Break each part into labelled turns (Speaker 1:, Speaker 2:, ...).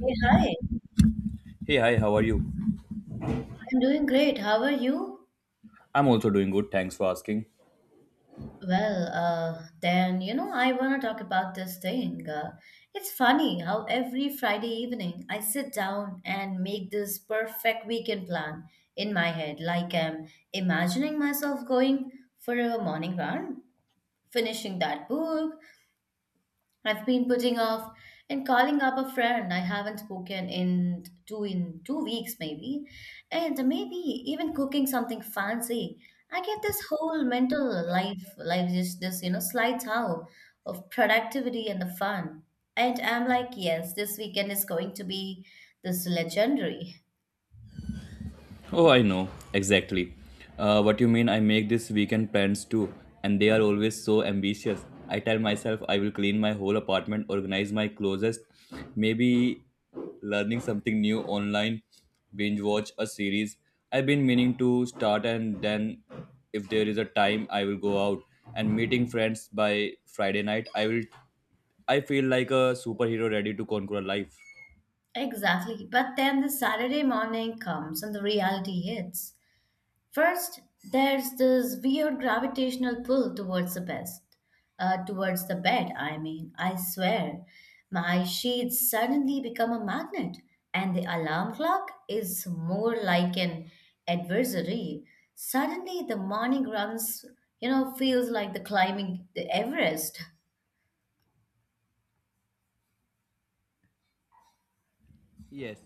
Speaker 1: Hey, hi, I'm
Speaker 2: Hey, hi, how are you?
Speaker 1: doing great. How are you?
Speaker 2: I'm also doing good, thanks for asking.
Speaker 1: Well, then, I want to talk about this thing. It's funny how every Friday evening I sit down and make this perfect weekend plan in my head, like I'm imagining myself going for a morning run, finishing that book, I've been putting off and calling up a friend I haven't spoken in 2 weeks maybe, and maybe even cooking something fancy. I get this whole mental life, like just this, slight how of productivity and the fun. And I'm like, yes, this weekend is going to be this legendary.
Speaker 2: Oh, I know, exactly. What you mean, I make this weekend plans too, and they are always so ambitious. I tell myself I will clean my whole apartment, organize my closest, maybe learning something new online, binge watch a series. I've been meaning to start, and then if there is a time, I will go out and meeting friends by Friday night. I will, I feel like a superhero ready to conquer life.
Speaker 1: Exactly. But then the Saturday morning comes and the reality hits. First, there's this weird gravitational pull towards the best, towards the bed. I mean, I swear, my sheets suddenly become a magnet, and the alarm clock is more like an adversary. Suddenly, the morning runs, feels like the climbing the Everest.
Speaker 2: Yes,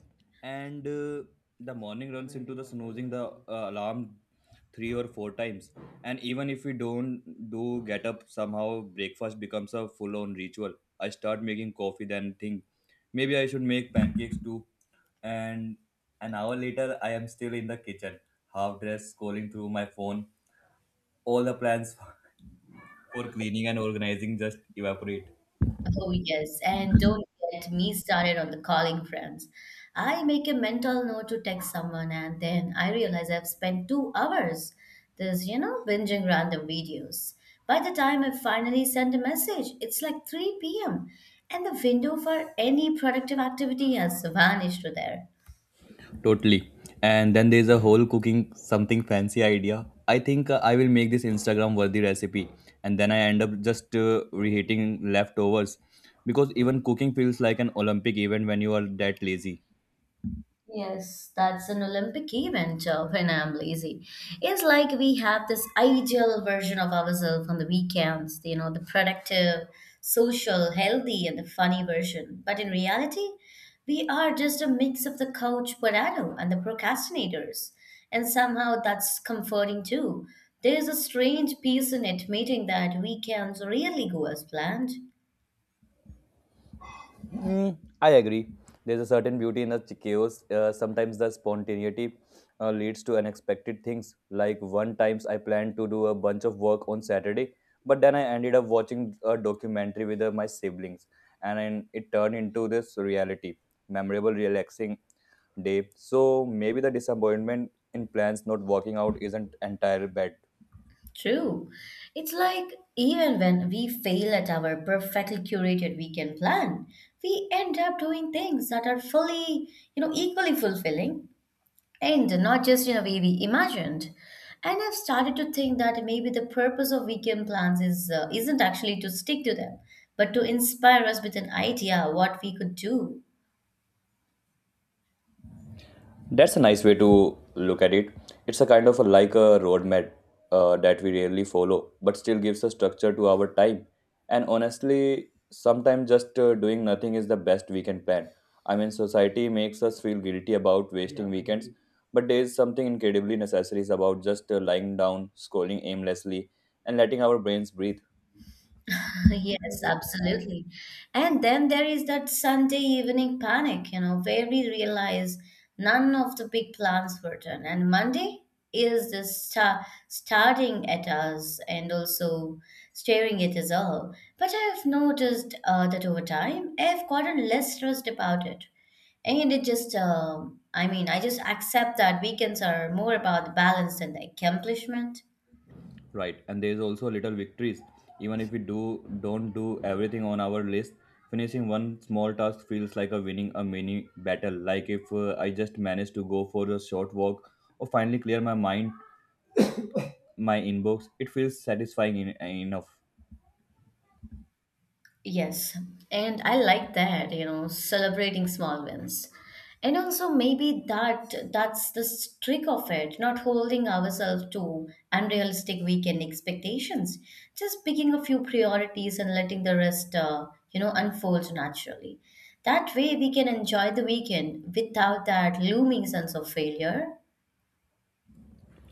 Speaker 2: and the morning runs into the snoozing the alarm three or four times, and even if we don't do get up, somehow breakfast becomes a full-on ritual. I start making coffee, then think maybe I should make pancakes too, and an hour later I am still in the kitchen, half dressed, scrolling through my phone. All the plans for cleaning and organizing just evaporate.
Speaker 1: Oh, yes. And don't get me started on the calling friends. I make a mental note to text someone, and then I realize I've spent 2 hours binging random videos. By the time I finally send a message, it's like 3 p.m., and the window for any productive activity has vanished to there.
Speaker 2: Totally. And then there's a whole cooking something fancy idea. I think I will make this Instagram worthy recipe, and then I end up just reheating leftovers because even cooking feels like an Olympic event when you are that lazy.
Speaker 1: Yes, that's an Olympic event when I'm lazy. It's like we have this ideal version of ourselves on the weekends, the productive, social, healthy, and the funny version. But in reality, we are just a mix of the couch potato and the procrastinators. And somehow that's comforting too. There's a strange peace in admitting that weekends rarely go as planned.
Speaker 2: Mm, I agree. There's a certain beauty in the chaos. Sometimes the spontaneity leads to unexpected things. Like one times I planned to do a bunch of work on Saturday, but then I ended up watching a documentary with my siblings, and then it turned into this reality, memorable, relaxing day. So maybe the disappointment in plans not working out isn't entirely bad.
Speaker 1: True. It's like even when we fail at our perfectly curated weekend plan, we end up doing things that are fully, equally fulfilling and not just in a way we imagined. And I've started to think that maybe the purpose of weekend plans is isn't actually to stick to them, but to inspire us with an idea what we could do.
Speaker 2: That's a nice way to look at it. It's a kind of a, like a roadmap that we rarely follow, but still gives a structure to our time. And honestly, sometimes just doing nothing is the best weekend plan. I mean, society makes us feel guilty about wasting weekends, but there is something incredibly necessary about just lying down, scrolling aimlessly, and letting our brains breathe.
Speaker 1: Yes, absolutely. And then there is that Sunday evening panic, where we realize none of the big plans were done. And Monday is the starting at us and also staring at us all. But I've noticed that over time, I've gotten less stressed about it. And it just, I mean, I just accept that weekends are more about balance than the accomplishment.
Speaker 2: Right, and there's also little victories. Even if we do don't do everything on our list, finishing one small task feels like a winning a mini battle. Like if I just manage to go for a short walk or finally clear my mind, my inbox, it feels satisfying in, enough.
Speaker 1: Yes, and I like that, celebrating small wins. And also maybe that's the trick of it, not holding ourselves to unrealistic weekend expectations. Just picking a few priorities and letting the rest, unfold naturally. That way we can enjoy the weekend without that looming sense of failure.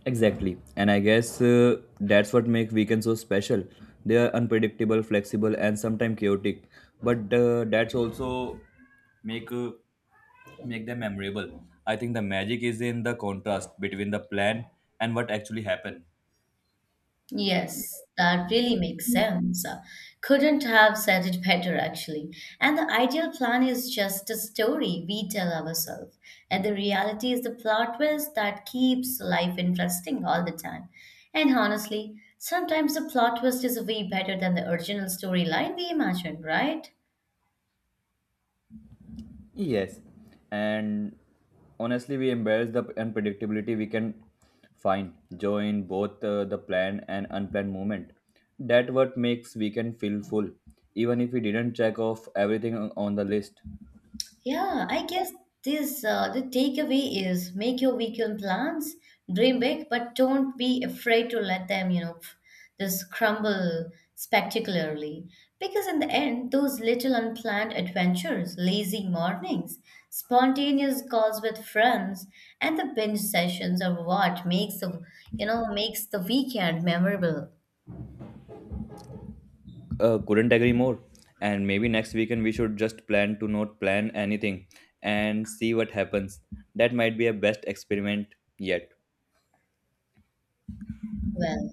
Speaker 2: Exactly. And I guess that's what make weekends so special. They are unpredictable, flexible, and sometimes chaotic. But that's also make make them memorable. I think the magic is in the contrast between the plan and what actually happened.
Speaker 1: Yes, that really makes sense. Couldn't have said it better, actually. And the ideal plan is just a story we tell ourselves. And the reality is the plot twist that keeps life interesting all the time. And honestly, sometimes the plot twist is way better than the original storyline we imagined, right?
Speaker 2: Yes, and honestly, we embrace the unpredictability, we can find joy in both the planned and unplanned movement. That what makes weekend feel full, even if we didn't check off everything on the list.
Speaker 1: Yeah, I guess this the takeaway is make your weekend plans, dream big, but don't be afraid to let them, just crumble spectacularly. Because in the end, those little unplanned adventures, lazy mornings, spontaneous calls with friends, and the binge sessions are what makes makes the weekend memorable.
Speaker 2: Couldn't agree more. And maybe next weekend we should just plan to not plan anything and see what happens. That might be a best experiment yet.
Speaker 1: Well,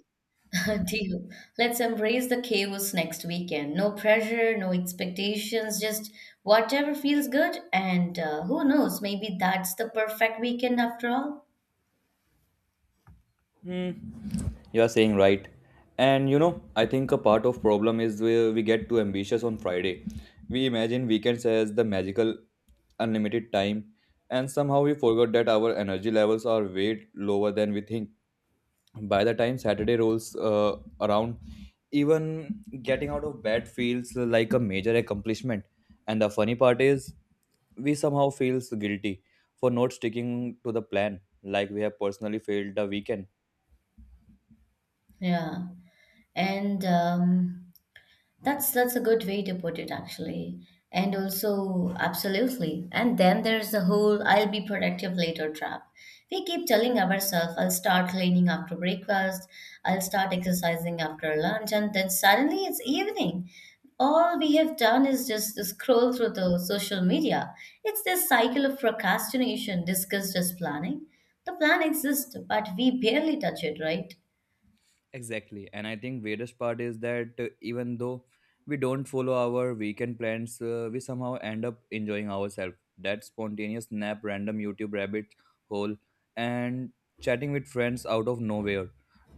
Speaker 1: deal. Let's embrace the chaos next weekend. No pressure, no expectations, just whatever feels good. And who knows, maybe that's the perfect weekend after all.
Speaker 2: Hmm. You are saying right. And you know, I think a part of problem is where we get too ambitious on Friday. We imagine weekends as the magical unlimited time, and somehow we forgot that our energy levels are way lower than we think. By the time Saturday rolls around, even getting out of bed feels like a major accomplishment. And the funny part is we somehow feels guilty for not sticking to the plan, like we have personally failed the weekend.
Speaker 1: Yeah. And That's a good way to put it actually. And also, absolutely. And then there's the whole I'll be productive later trap. We keep telling ourselves, I'll start cleaning after breakfast, I'll start exercising after lunch, and then suddenly it's evening. All we have done is just scroll through the social media. It's this cycle of procrastination discussed as planning. The plan exists, but we barely touch it, right?
Speaker 2: Exactly. And I think weirdest part is that even though we don't follow our weekend plans, we somehow end up enjoying ourselves. That spontaneous nap, random YouTube rabbit hole, and chatting with friends out of nowhere.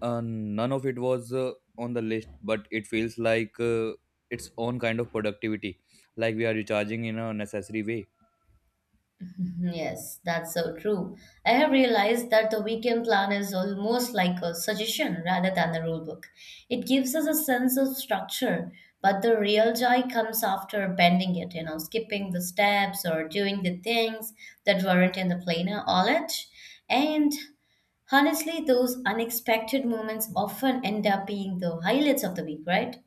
Speaker 2: None of it was on the list, but it feels like its own kind of productivity, like we are recharging in a necessary way.
Speaker 1: Mhm. Yes, that's so true. I have realized that the weekend plan is almost like a suggestion rather than a rule book. It gives us a sense of structure, but the real joy comes after bending it, skipping the steps or doing the things that weren't in the plainer knowledge. And honestly, those unexpected moments often end up being the highlights of the week, right?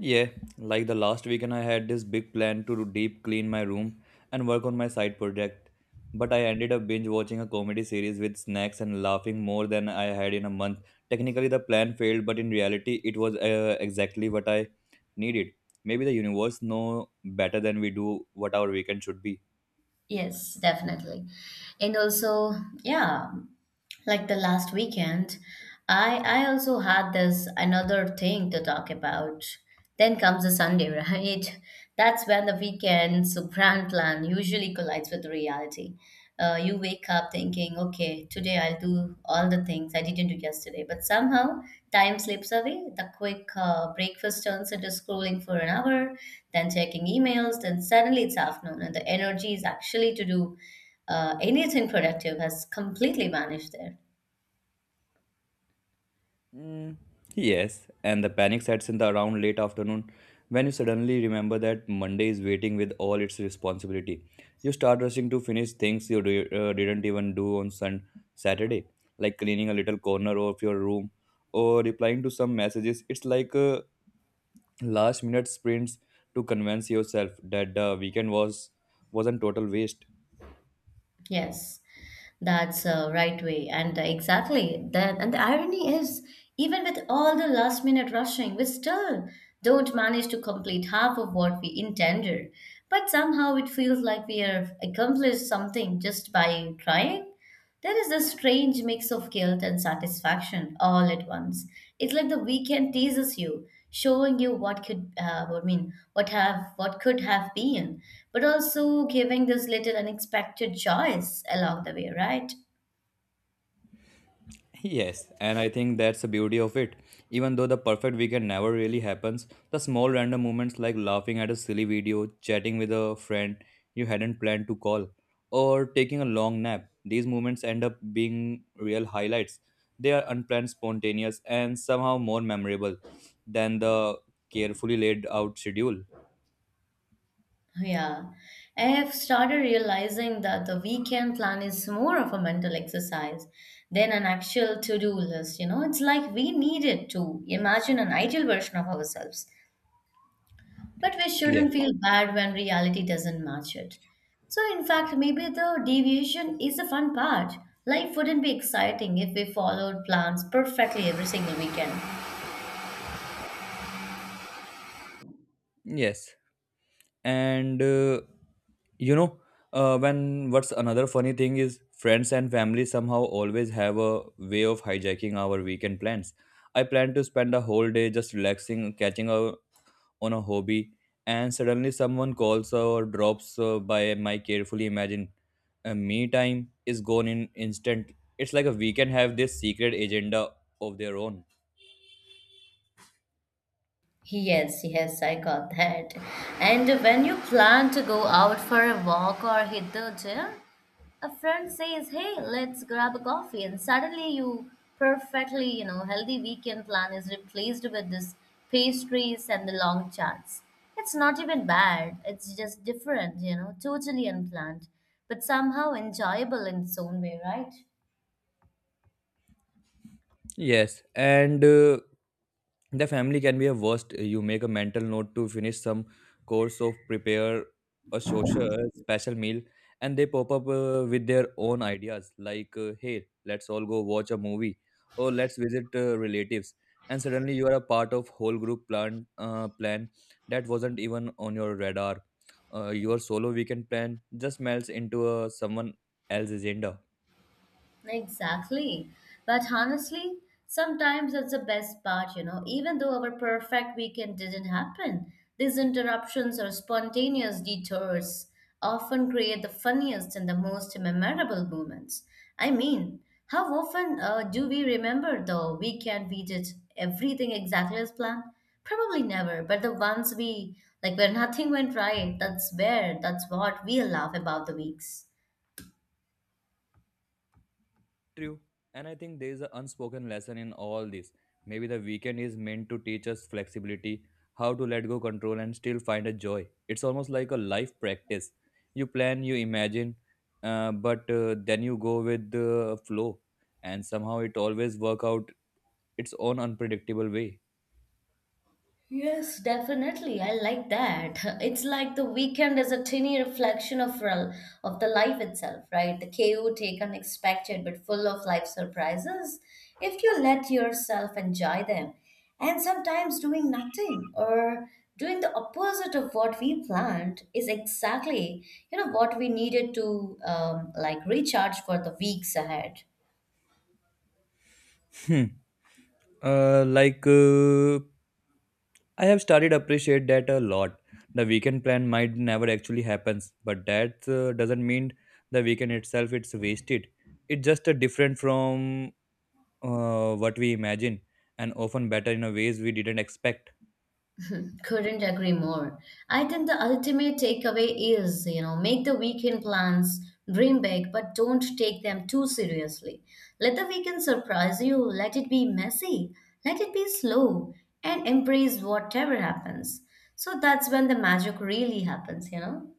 Speaker 2: Yeah, like the last weekend, I had this big plan to deep clean my room and work on my side project. But I ended up binge watching a comedy series with snacks and laughing more than I had in a month. Technically, the plan failed, but in reality, it was exactly what I needed. Maybe the universe know better than we do what our weekend should be.
Speaker 1: Yes, definitely. And also, yeah, like the last weekend I also had this another thing to talk about. Then comes the Sunday right, that's when the weekend's grand plan usually collides with reality. You wake up thinking okay, today I'll do all the things I didn't do yesterday, but somehow time slips away. The quick breakfast turns into scrolling for an hour, then checking emails, then suddenly it's afternoon and the energy is actually to do anything productive has completely vanished there.
Speaker 2: Mm, yes, and the panic sets in the around late afternoon when you suddenly remember that Monday is waiting with all its responsibility. You start rushing to finish things you didn't even do on Saturday, like cleaning a little corner of your room or replying to some messages. It's like a last minute sprints to convince yourself that the weekend was wasn't total waste.
Speaker 1: Yes, that's a right way, and exactly that. And the irony is, even with all the last minute rushing, we still don't manage to complete half of what we intended. But somehow it feels like we have accomplished something just by trying. There is a strange mix of guilt and satisfaction all at once. It's like the weekend teases you, showing you what could, I mean, what have, what could have been, but also giving this little unexpected joys along the way, right?
Speaker 2: Yes, and I think that's the beauty of it. Even though the perfect weekend never really happens, the small random moments like laughing at a silly video, chatting with a friend you hadn't planned to call, or taking a long nap, these moments end up being real highlights. They are unplanned, spontaneous, and somehow more memorable than the carefully laid out schedule.
Speaker 1: Yeah, I have started realizing that the weekend plan is more of a mental exercise than an actual to do list. You know, it's like we need it to imagine an ideal version of ourselves, but we
Speaker 2: Yes.
Speaker 1: shouldn't feel bad when reality doesn't match it. So, in fact, maybe the deviation is the fun part. Life wouldn't be exciting if we followed plans perfectly every single weekend.
Speaker 2: Yes. And you know when what's another funny thing is friends and family somehow always have a way of hijacking our weekend plans. I plan to spend a whole day just relaxing, catching up on a hobby, and suddenly someone calls or drops by. My carefully imagined me time is gone in instant. It's like a weekend have this secret agenda of their own.
Speaker 1: Yes, yes, I got that. And when you plan to go out for a walk or hit the gym, a friend says, "Hey, let's grab a coffee." And suddenly, you perfectly, healthy weekend plan is replaced with this pastries and the long chats. It's not even bad, it's just different, totally unplanned, but somehow enjoyable in its own way, right?
Speaker 2: Yes, and the family can be a worst. You make a mental note to finish some course of prepare a social a special meal, and they pop up with their own ideas like, "Hey, let's all go watch a movie," or "Let's visit relatives." And suddenly you are a part of whole group plan plan that wasn't even on your radar. Your solo weekend plan just melts into someone else's agenda.
Speaker 1: Exactly. But honestly, sometimes that's the best part, even though our perfect weekend didn't happen, these interruptions or spontaneous detours often create the funniest and the most memorable moments. I mean, how often do we remember the weekend we did everything exactly as planned? Probably never, but the ones like where nothing went right, that's what we laugh about the weeks.
Speaker 2: True. And I think there is an unspoken lesson in all this. Maybe the weekend is meant to teach us flexibility, how to let go control and still find a joy. It's almost like a life practice. You plan, you imagine, but then you go with the flow. And somehow it always work out its own unpredictable way.
Speaker 1: Yes, definitely. I like that. It's like the weekend is a tiny reflection of of the life itself, right? The chaotic, unexpected, but full of life surprises. If you let yourself enjoy them, and sometimes doing nothing or doing the opposite of what we planned is exactly, what we needed to like recharge for the weeks ahead.
Speaker 2: Like I have started appreciate that a lot. The weekend plan might never actually happens, but that doesn't mean the weekend itself it's wasted. It's just a different from what we imagine, and often better in a ways we didn't expect.
Speaker 1: Couldn't agree more. I think the ultimate takeaway is, make the weekend plans, dream big, but don't take them too seriously. Let the weekend surprise you, let it be messy, let it be slow, and embrace whatever happens. So that's when the magic really happens, you know?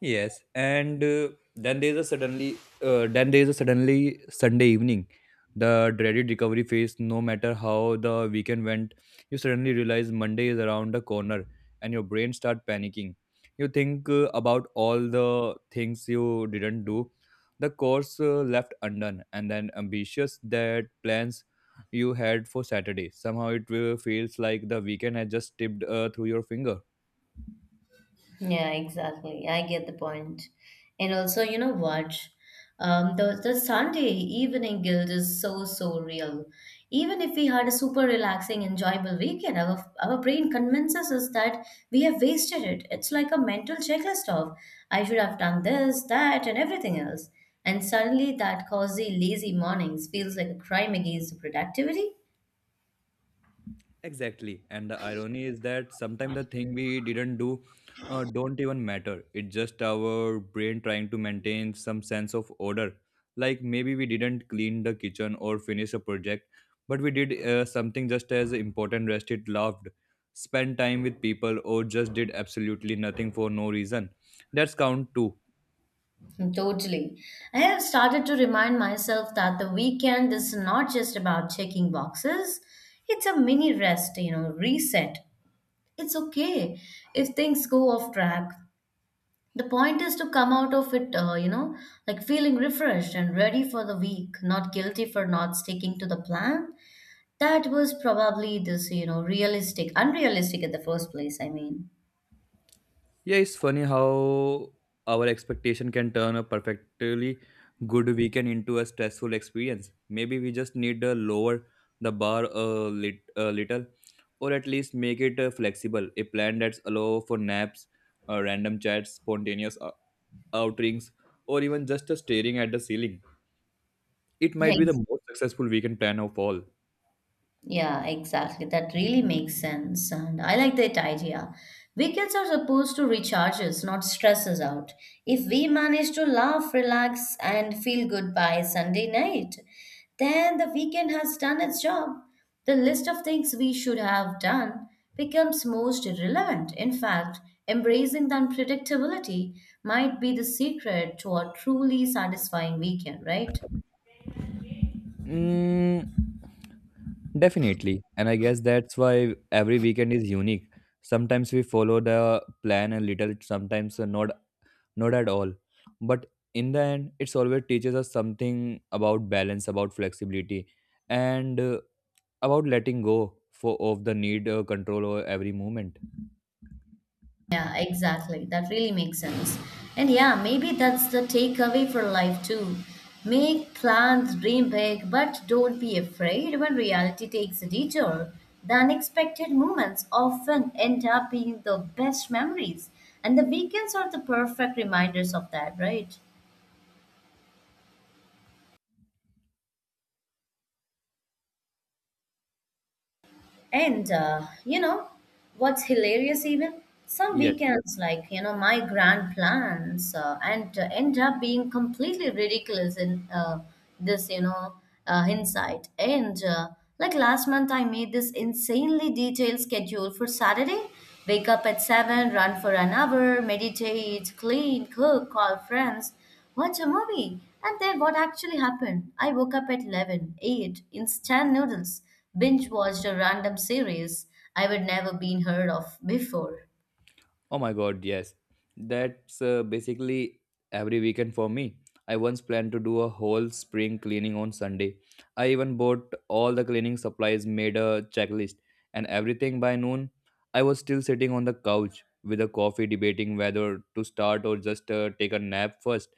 Speaker 2: Yes, and then there's a suddenly Sunday evening, the dreaded recovery phase. No matter how the weekend went, you suddenly realize Monday is around the corner, and your brain start panicking. You think about all the things you didn't do, the course left undone, and then ambitious that plans you had for Saturday. Somehow it feels like the weekend has just tipped through your finger.
Speaker 1: Yeah, exactly. I get the point. And also, you know what? The Sunday evening guilt is so real. Even if we had a super relaxing, enjoyable weekend, our brain convinces us that we have wasted it. It's like a mental checklist of I should have done this, that, and everything else. And suddenly, that cozy, lazy mornings feels like a crime against productivity.
Speaker 2: Exactly. And the irony is that sometimes the thing we didn't do don't even matter. It's just our brain trying to maintain some sense of order. Like maybe we didn't clean the kitchen or finish a project, but we did something just as important, rested, loved, spent time with people, or just did absolutely nothing for no reason. That's count too.
Speaker 1: Totally. I have started to remind myself that the weekend is not just about checking boxes. It's a mini rest, reset. It's okay if things go off track. The point is to come out of it, like feeling refreshed and ready for the week, not guilty for not sticking to the plan. That was probably this, unrealistic at the first place, I mean.
Speaker 2: Yeah, it's funny how our expectation can turn a perfectly good weekend into a stressful experience. Maybe we just need to lower the bar a, lit, a little, or at least make it flexible. A plan that's allow for naps, random chats, spontaneous outings, or even just staring at the ceiling. It might be the most successful weekend plan of all.
Speaker 1: Yeah, exactly. That really makes sense. And I like that idea. Weekends are supposed to recharge us, not stress us out. If we manage to laugh, relax, and feel good by Sunday night, then the weekend has done its job. The list of things we should have done becomes most relevant. In fact, embracing the unpredictability might be the secret to a truly satisfying weekend, right?
Speaker 2: Mm, definitely. And I guess that's why every weekend is unique. Sometimes we follow the plan a little, sometimes not at all. But in the end, it's always teaches us something about balance, about flexibility, and about letting go for of the need control over every moment.
Speaker 1: Yeah, exactly. That really makes sense. And yeah, maybe that's the takeaway for life too. Make plans, dream big, but don't be afraid when reality takes a detour. The unexpected moments often end up being the best memories, and the weekends are the perfect reminders of that, right? And you know what's hilarious even? Some
Speaker 2: Yes.
Speaker 1: weekends, like my grand plans and end up being completely ridiculous in this, hindsight. And like last month, I made this insanely detailed schedule for Saturday. Wake up at 7, run for an hour, meditate, clean, cook, call friends, watch a movie. And then what actually happened? I woke up at 11, ate instant noodles, binge watched a random series I would never been heard of before.
Speaker 2: Oh my god, yes. That's basically every weekend for me. I once planned to do a whole spring cleaning on Sunday. I even bought all the cleaning supplies, made a checklist, and everything by noon. I was still sitting on the couch with a coffee debating whether to start or just take a nap first.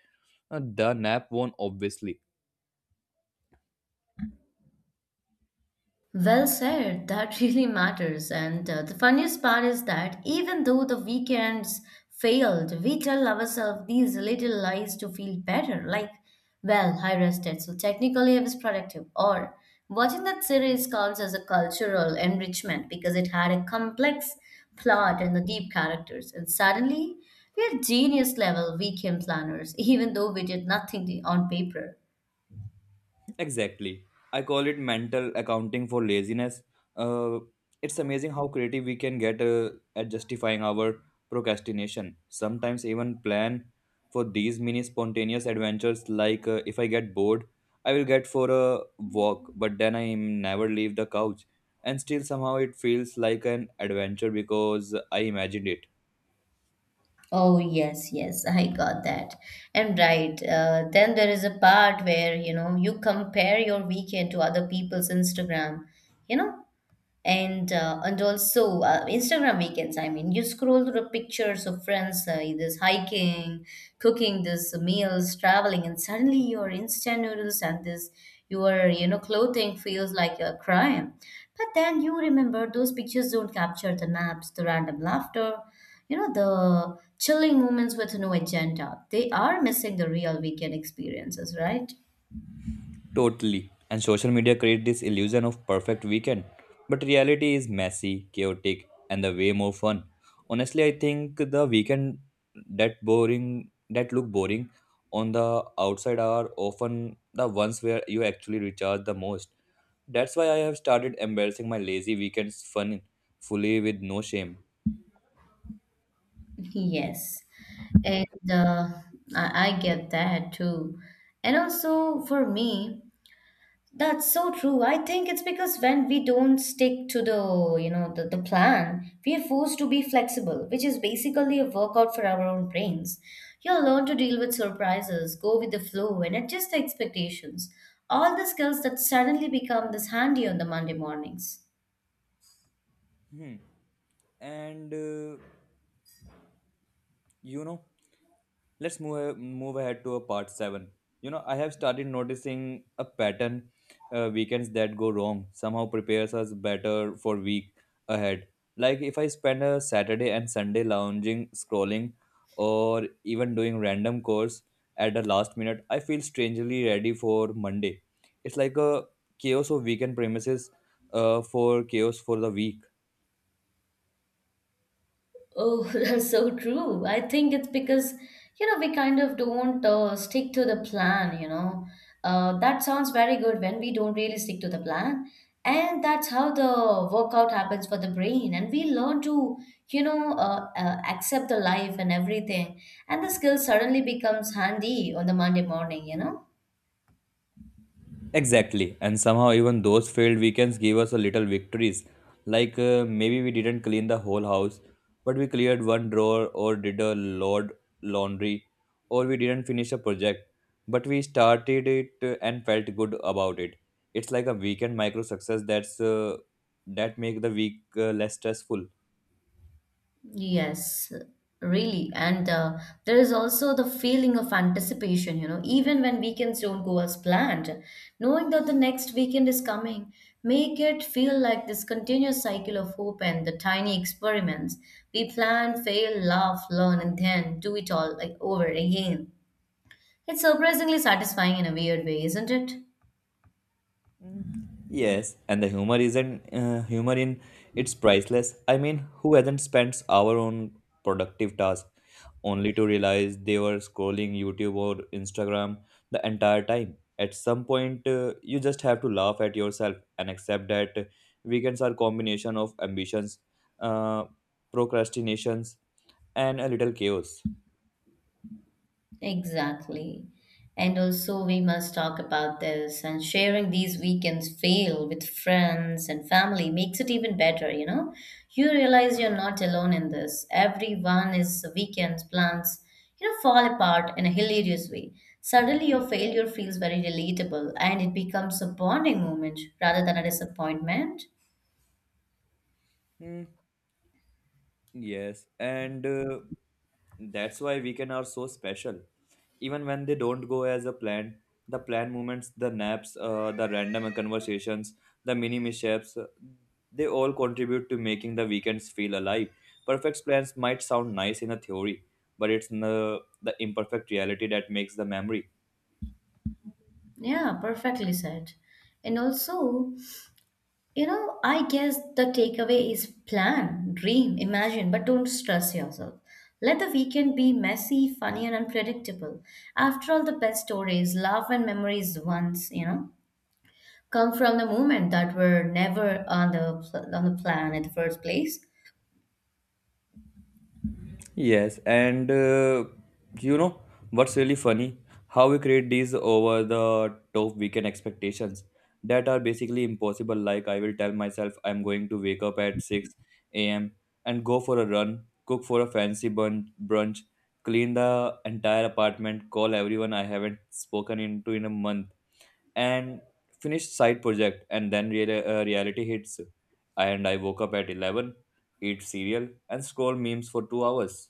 Speaker 2: The nap won, obviously.
Speaker 1: Well said, that really matters. And the funniest part is that even though the weekends failed, we tell ourselves these little lies to feel better. Like, well, I rested, so technically I was productive. Or, watching that series counts as a cultural enrichment because it had a complex plot and the deep characters. And suddenly, we are genius level weekend planners, even though we did nothing on paper.
Speaker 2: Exactly. I call it mental accounting for laziness. Uh, it's amazing how creative we can get at justifying our procrastination. Sometimes even plan for these mini spontaneous adventures like if I get bored, I will get for a walk, but then I never leave the couch. And still somehow it feels like an adventure because I imagined it.
Speaker 1: Oh, yes, yes, I got that. And right, then there is a part where, you compare your weekend to other people's Instagram. You know, and also Instagram weekends. I mean, you scroll through the pictures of friends, either hiking, cooking this meals, traveling, and suddenly your instant noodles and this your clothing feels like a crime. But then you remember those pictures don't capture the naps, the random laughter, the chilling moments with no agenda. They are missing the real weekend experiences, right?
Speaker 2: Totally. And social media create this illusion of perfect weekend, but reality is messy, chaotic, and the way more fun. Honestly, I think the weekend that look boring on the outside are often the ones where you actually recharge the most. That's why I have started embarrassing my lazy weekends fun fully with no shame.
Speaker 1: Yes. And I get that too. And also for me, that's so true. I think it's because when we don't stick to the, you know, the plan, we are forced to be flexible, which is basically a workout for our own brains. You'll learn to deal with surprises, go with the flow, and adjust the expectations. All the skills that suddenly become this handy on the Monday mornings.
Speaker 2: Hmm. And you know Let's move ahead to a part seven. You know, I have started noticing a pattern. Weekends that go wrong somehow prepares us better for week ahead. Like if I spend a Saturday and Sunday lounging, scrolling, or even doing random chores at the last minute, I feel strangely ready for Monday. It's like a chaos of weekend premises, for chaos for the week.
Speaker 1: Oh, that's so true. I think it's because, we kind of don't stick to the plan. That sounds very good when we don't really stick to the plan. And that's how the workout happens for the brain. And we learn to, accept the life and everything. And the skill suddenly becomes handy on the Monday morning.
Speaker 2: Exactly, and somehow even those failed weekends gave us a little victories. Like maybe we didn't clean the whole house, but we cleared one drawer or did a load laundry, or we didn't finish a project, but we started it and felt good about it. It's like a weekend micro success that make the week less stressful.
Speaker 1: Yes, really. And there is also the feeling of anticipation, even when weekends don't go as planned, knowing that the next weekend is coming, make it feel like this continuous cycle of hope and the tiny experiments. We plan, fail, laugh, learn, and then do it all like over again. It's surprisingly satisfying in a weird way, isn't it?
Speaker 2: Yes, and the humor isn't humor in it's priceless. I mean, who hasn't spent our own productive task only to realize they were scrolling YouTube or Instagram the entire time. At some point, you just have to laugh at yourself and accept that weekends are combination of ambitions, uh, procrastinations, and a little chaos.
Speaker 1: Exactly. And also, we must talk about this. And sharing these weekends fail with friends and family makes it even better, you know? You realize you're not alone in this. Everyone is weekends plans, fall apart in a hilarious way. Suddenly, your failure feels very relatable and it becomes a bonding moment rather than a disappointment.
Speaker 2: Hmm, Yes, and that's why weekend are so special. Even when they don't go as a plan, the planned movements, the naps, the random conversations, the mini mishaps, they all contribute to making the weekends feel alive. Perfect plans might sound nice in a theory, but it's the imperfect reality that makes the memory.
Speaker 1: Yeah, perfectly said. And also, I guess the takeaway is plan, dream, imagine, but don't stress yourself. Let the weekend be messy, funny, and unpredictable. After all, the best stories, love, and memories once, come from the moment that were never on the plan in the first place.
Speaker 2: Yes, and you know what's really funny? How we create these over the top weekend expectations that are basically impossible. Like, I will tell myself I'm going to wake up at 6 a.m. and go for a run, cook for a brunch, clean the entire apartment, call everyone I haven't spoken into in a month, and finish side project. And then reality hits, and I woke up at 11, eat cereal, and scroll memes for 2 hours.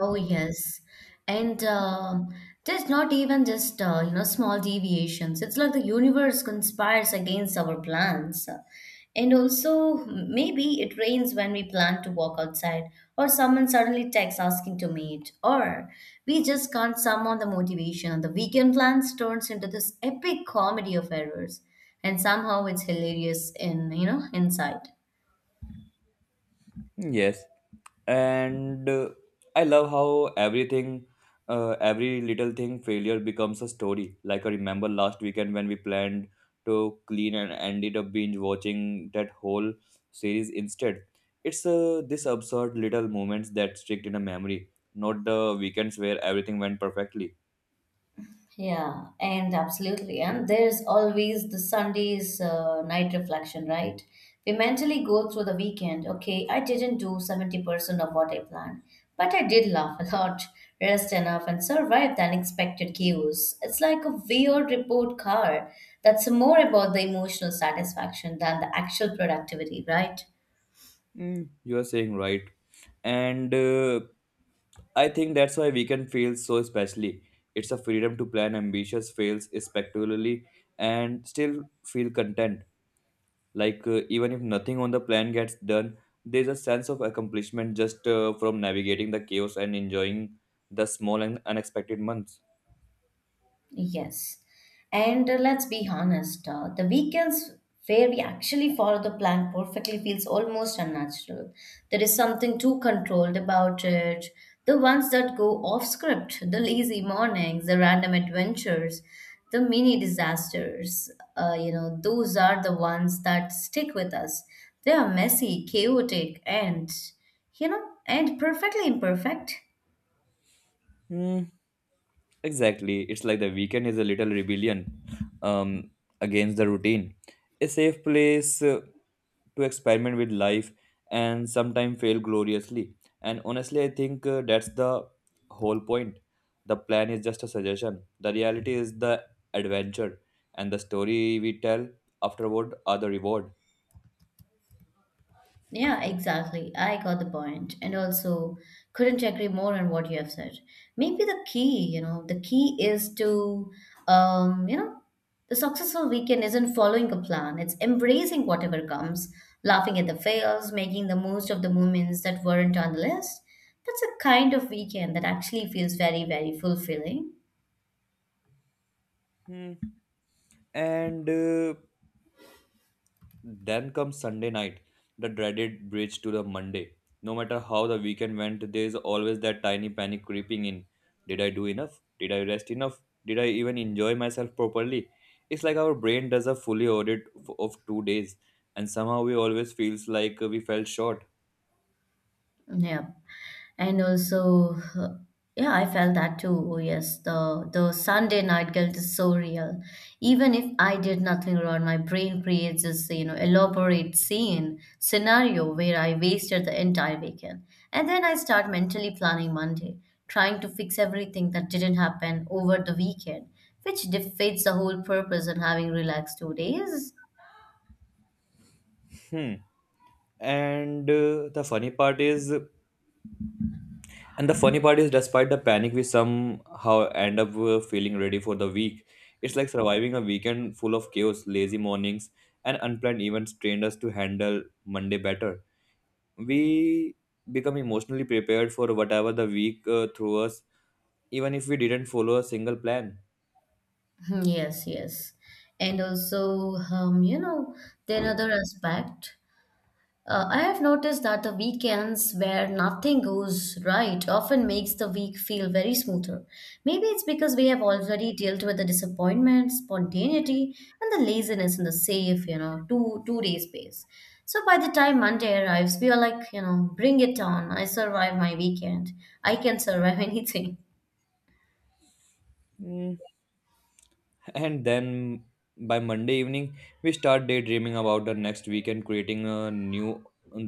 Speaker 1: Oh yes, and there's not even just small deviations. It's like the universe conspires against our plans, and also maybe it rains when we plan to walk outside, or someone suddenly texts asking to meet, or we just can't summon the motivation. The weekend plans turns into this epic comedy of errors, and somehow it's hilarious in inside.
Speaker 2: Yes, and I love how everything, every little thing, failure becomes a story. Like I remember last weekend when we planned to clean and ended up binge watching that whole series instead. It's this absurd little moments that stick in a memory, not the weekends where everything went perfectly.
Speaker 1: Yeah, and absolutely. And there's always the Sunday's night reflection, right? We mentally go through the weekend. Okay, I didn't do 70% of what I planned, but I did laugh a lot, rest enough, and survive the unexpected chaos. It's like a weird report card that's more about the emotional satisfaction than the actual productivity, right?
Speaker 2: Mm, you are saying right, and I think that's why weekend feels so especially. It's a freedom to plan ambitious fails spectacularly and still feel content. Like even if nothing on the plan gets done, there's a sense of accomplishment just from navigating the chaos and enjoying the small and unexpected months.
Speaker 1: Yes. And let's be honest, the weekends where we actually follow the plan perfectly feels almost unnatural. There is something too controlled about it. The ones that go off script, the lazy mornings, the random adventures, the mini disasters, those are the ones that stick with us. They are messy, chaotic, and perfectly imperfect.
Speaker 2: Hmm. Exactly. It's like the weekend is a little rebellion um, against the routine. A safe place to experiment with life and sometimes fail gloriously. And honestly, I think that's the whole point. The plan is just a suggestion, the reality is the adventure, and the story we tell afterward are the reward.
Speaker 1: Yeah, exactly. I got the point. And also, couldn't agree more on what you have said. Maybe the key is to, um, you know, the successful weekend isn't following a plan, it's embracing whatever comes, laughing at the fails, making the most of the moments that weren't on the list. That's a kind of weekend that actually feels very, very fulfilling.
Speaker 2: Hmm. And Then comes Sunday night, the dreaded bridge to the Monday. No matter how the weekend went, there is always that tiny panic creeping in. Did I do enough? Did I rest enough? Did I even enjoy myself properly? It's like our brain does a fully of 2 days, and somehow we always feels like we fell short.
Speaker 1: Yeah. And also, yeah, I felt that too. Oh yes, the Sunday night guilt is so real. Even if I did nothing wrong, my brain creates this, elaborate scene scenario where I wasted the entire weekend. And then I start mentally planning Monday, trying to fix everything that didn't happen over the weekend, which defeats the whole purpose in having relaxed 2 days.
Speaker 2: Hmm. And uh, the funny part is And the funny part is, despite the panic, we somehow end up feeling ready for the week. It's like surviving a weekend full of chaos, lazy mornings, and unplanned events trained us to handle Monday better. We become emotionally prepared for whatever the week threw us, even if we didn't follow a single plan.
Speaker 1: Yes, yes. And also, the another aspect. I have noticed that the weekends where nothing goes right often makes the week feel very smoother. Maybe it's because we have already dealt with the disappointment, spontaneity, and the laziness in the safe, two day space. So by the time Monday arrives, we are like, bring it on. I survived my weekend. I can survive anything.
Speaker 2: Mm, and then by Monday evening we start daydreaming about the next weekend, creating a new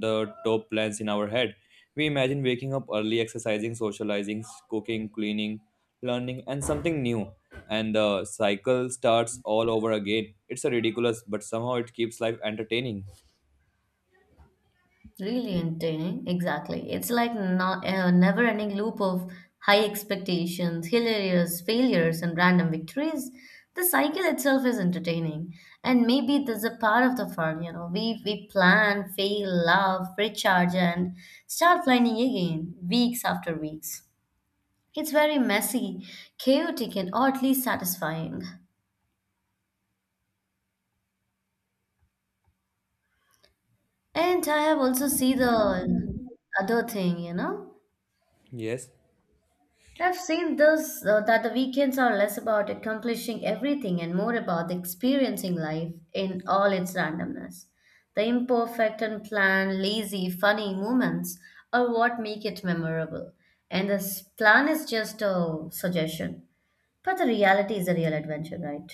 Speaker 2: the top plans in our head. We imagine waking up early, exercising, socializing, cooking, cleaning, learning and something new, and the cycle starts all over again. It's a ridiculous but somehow it keeps life entertaining.
Speaker 1: Really entertaining, exactly. It's like not a never-ending loop of high expectations, hilarious failures, and random victories. The cycle itself is entertaining, and maybe that's a part of the fun. We plan, fail, love, recharge, and start planning again, weeks after weeks. It's very messy, chaotic, and oddly satisfying. And I have also see the other thing.
Speaker 2: Yes.
Speaker 1: I've seen this that the weekends are less about accomplishing everything and more about experiencing life in all its randomness. The imperfect, unplanned, lazy, funny moments are what make it memorable. And this plan is just a suggestion. But the reality is a real adventure, right?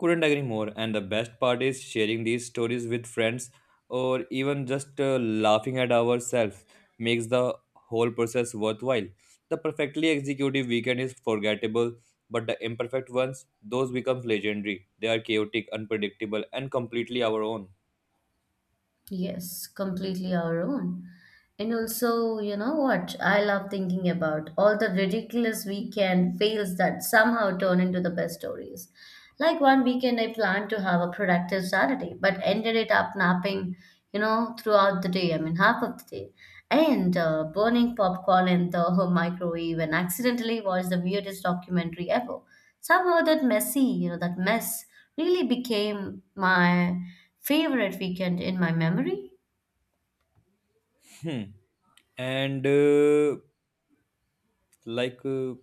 Speaker 2: Couldn't agree more. And the best part is sharing these stories with friends or even just laughing at ourselves makes the whole process worthwhile. The perfectly executed weekend is forgettable, but the imperfect ones, those become legendary. They are chaotic, unpredictable, and completely our own.
Speaker 1: Yes, completely our own. And also, you know what? I love thinking about all the ridiculous weekend fails that somehow turn into the best stories. Like one weekend, I planned to have a productive Saturday, but ended it up napping, throughout the day. I mean, half of the day, and burning popcorn in the microwave, and accidentally watched the weirdest documentary ever. Somehow, that mess really became my favorite weekend in my memory.
Speaker 2: Hmm. And like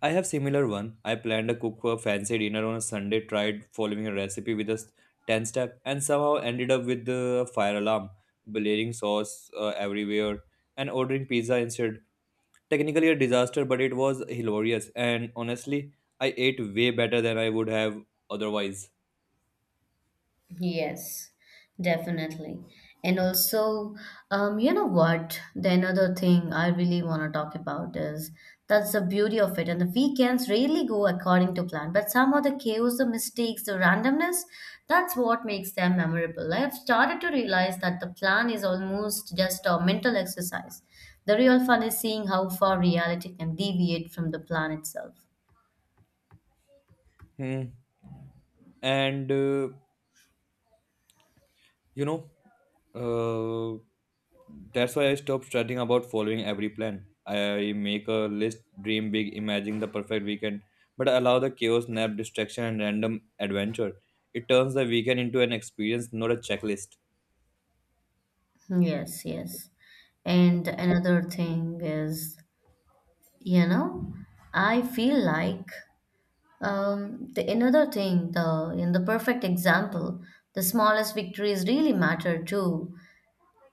Speaker 2: I have similar one. I planned a cook for a fancy dinner on a Sunday, tried following a recipe with a s- 10 step and somehow ended up with the fire alarm, blaring sauce everywhere and ordering pizza instead. Technically a disaster, but it was hilarious and honestly, I ate way better than I would have otherwise.
Speaker 1: Yes, definitely. And also, you know what? The another thing I really want to talk about is that's the beauty of it. And the weekends really go according to plan, but somehow the chaos, the mistakes, the randomness, that's what makes them memorable. I have started to realize that the plan is almost just a mental exercise. The real fun is seeing how far reality can deviate from the plan itself.
Speaker 2: Hmm. And you know uh, that's why I stopped studying about following every plan. I make a list, dream big, imagine the perfect weekend, but I allow the chaos, nap, distraction and random adventure. It turns the weekend into an experience, not a checklist.
Speaker 1: Yes, yes. And another thing is, you know I feel like, the another thing, the in the perfect example, the smallest victories really matter too.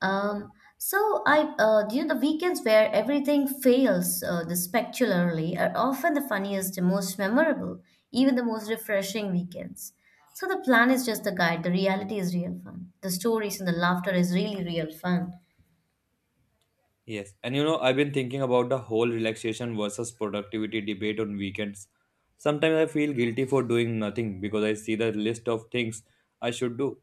Speaker 1: um, so I, the weekends where everything fails, the spectacularly are often the funniest, the most memorable, even the most refreshing weekends. So the plan is just the guide, the reality is real fun, the stories and the laughter is really real fun.
Speaker 2: Yes, and you know, I've been thinking about the whole relaxation versus productivity debate on weekends. Sometimes I feel guilty for doing nothing because I see the list of things I should do.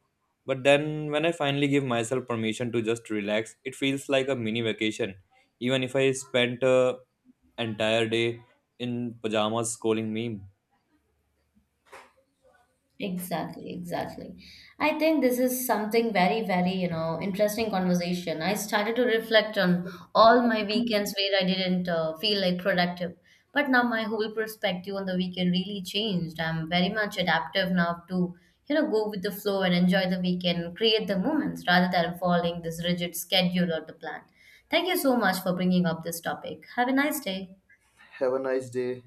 Speaker 2: But then, when I finally give myself permission to just relax, it feels like a mini vacation. Even if I spent an entire day in pajamas scrolling meme.
Speaker 1: Exactly, exactly. I think this is something very, very, interesting conversation. I started to reflect on all my weekends where I didn't feel like productive. But now my whole perspective on the weekend really changed. I'm very much adaptive now to, go with the flow and enjoy the weekend, create the moments rather than following this rigid schedule or the plan. Thank you so much for bringing up this topic. Have a nice day.
Speaker 2: Have a nice day.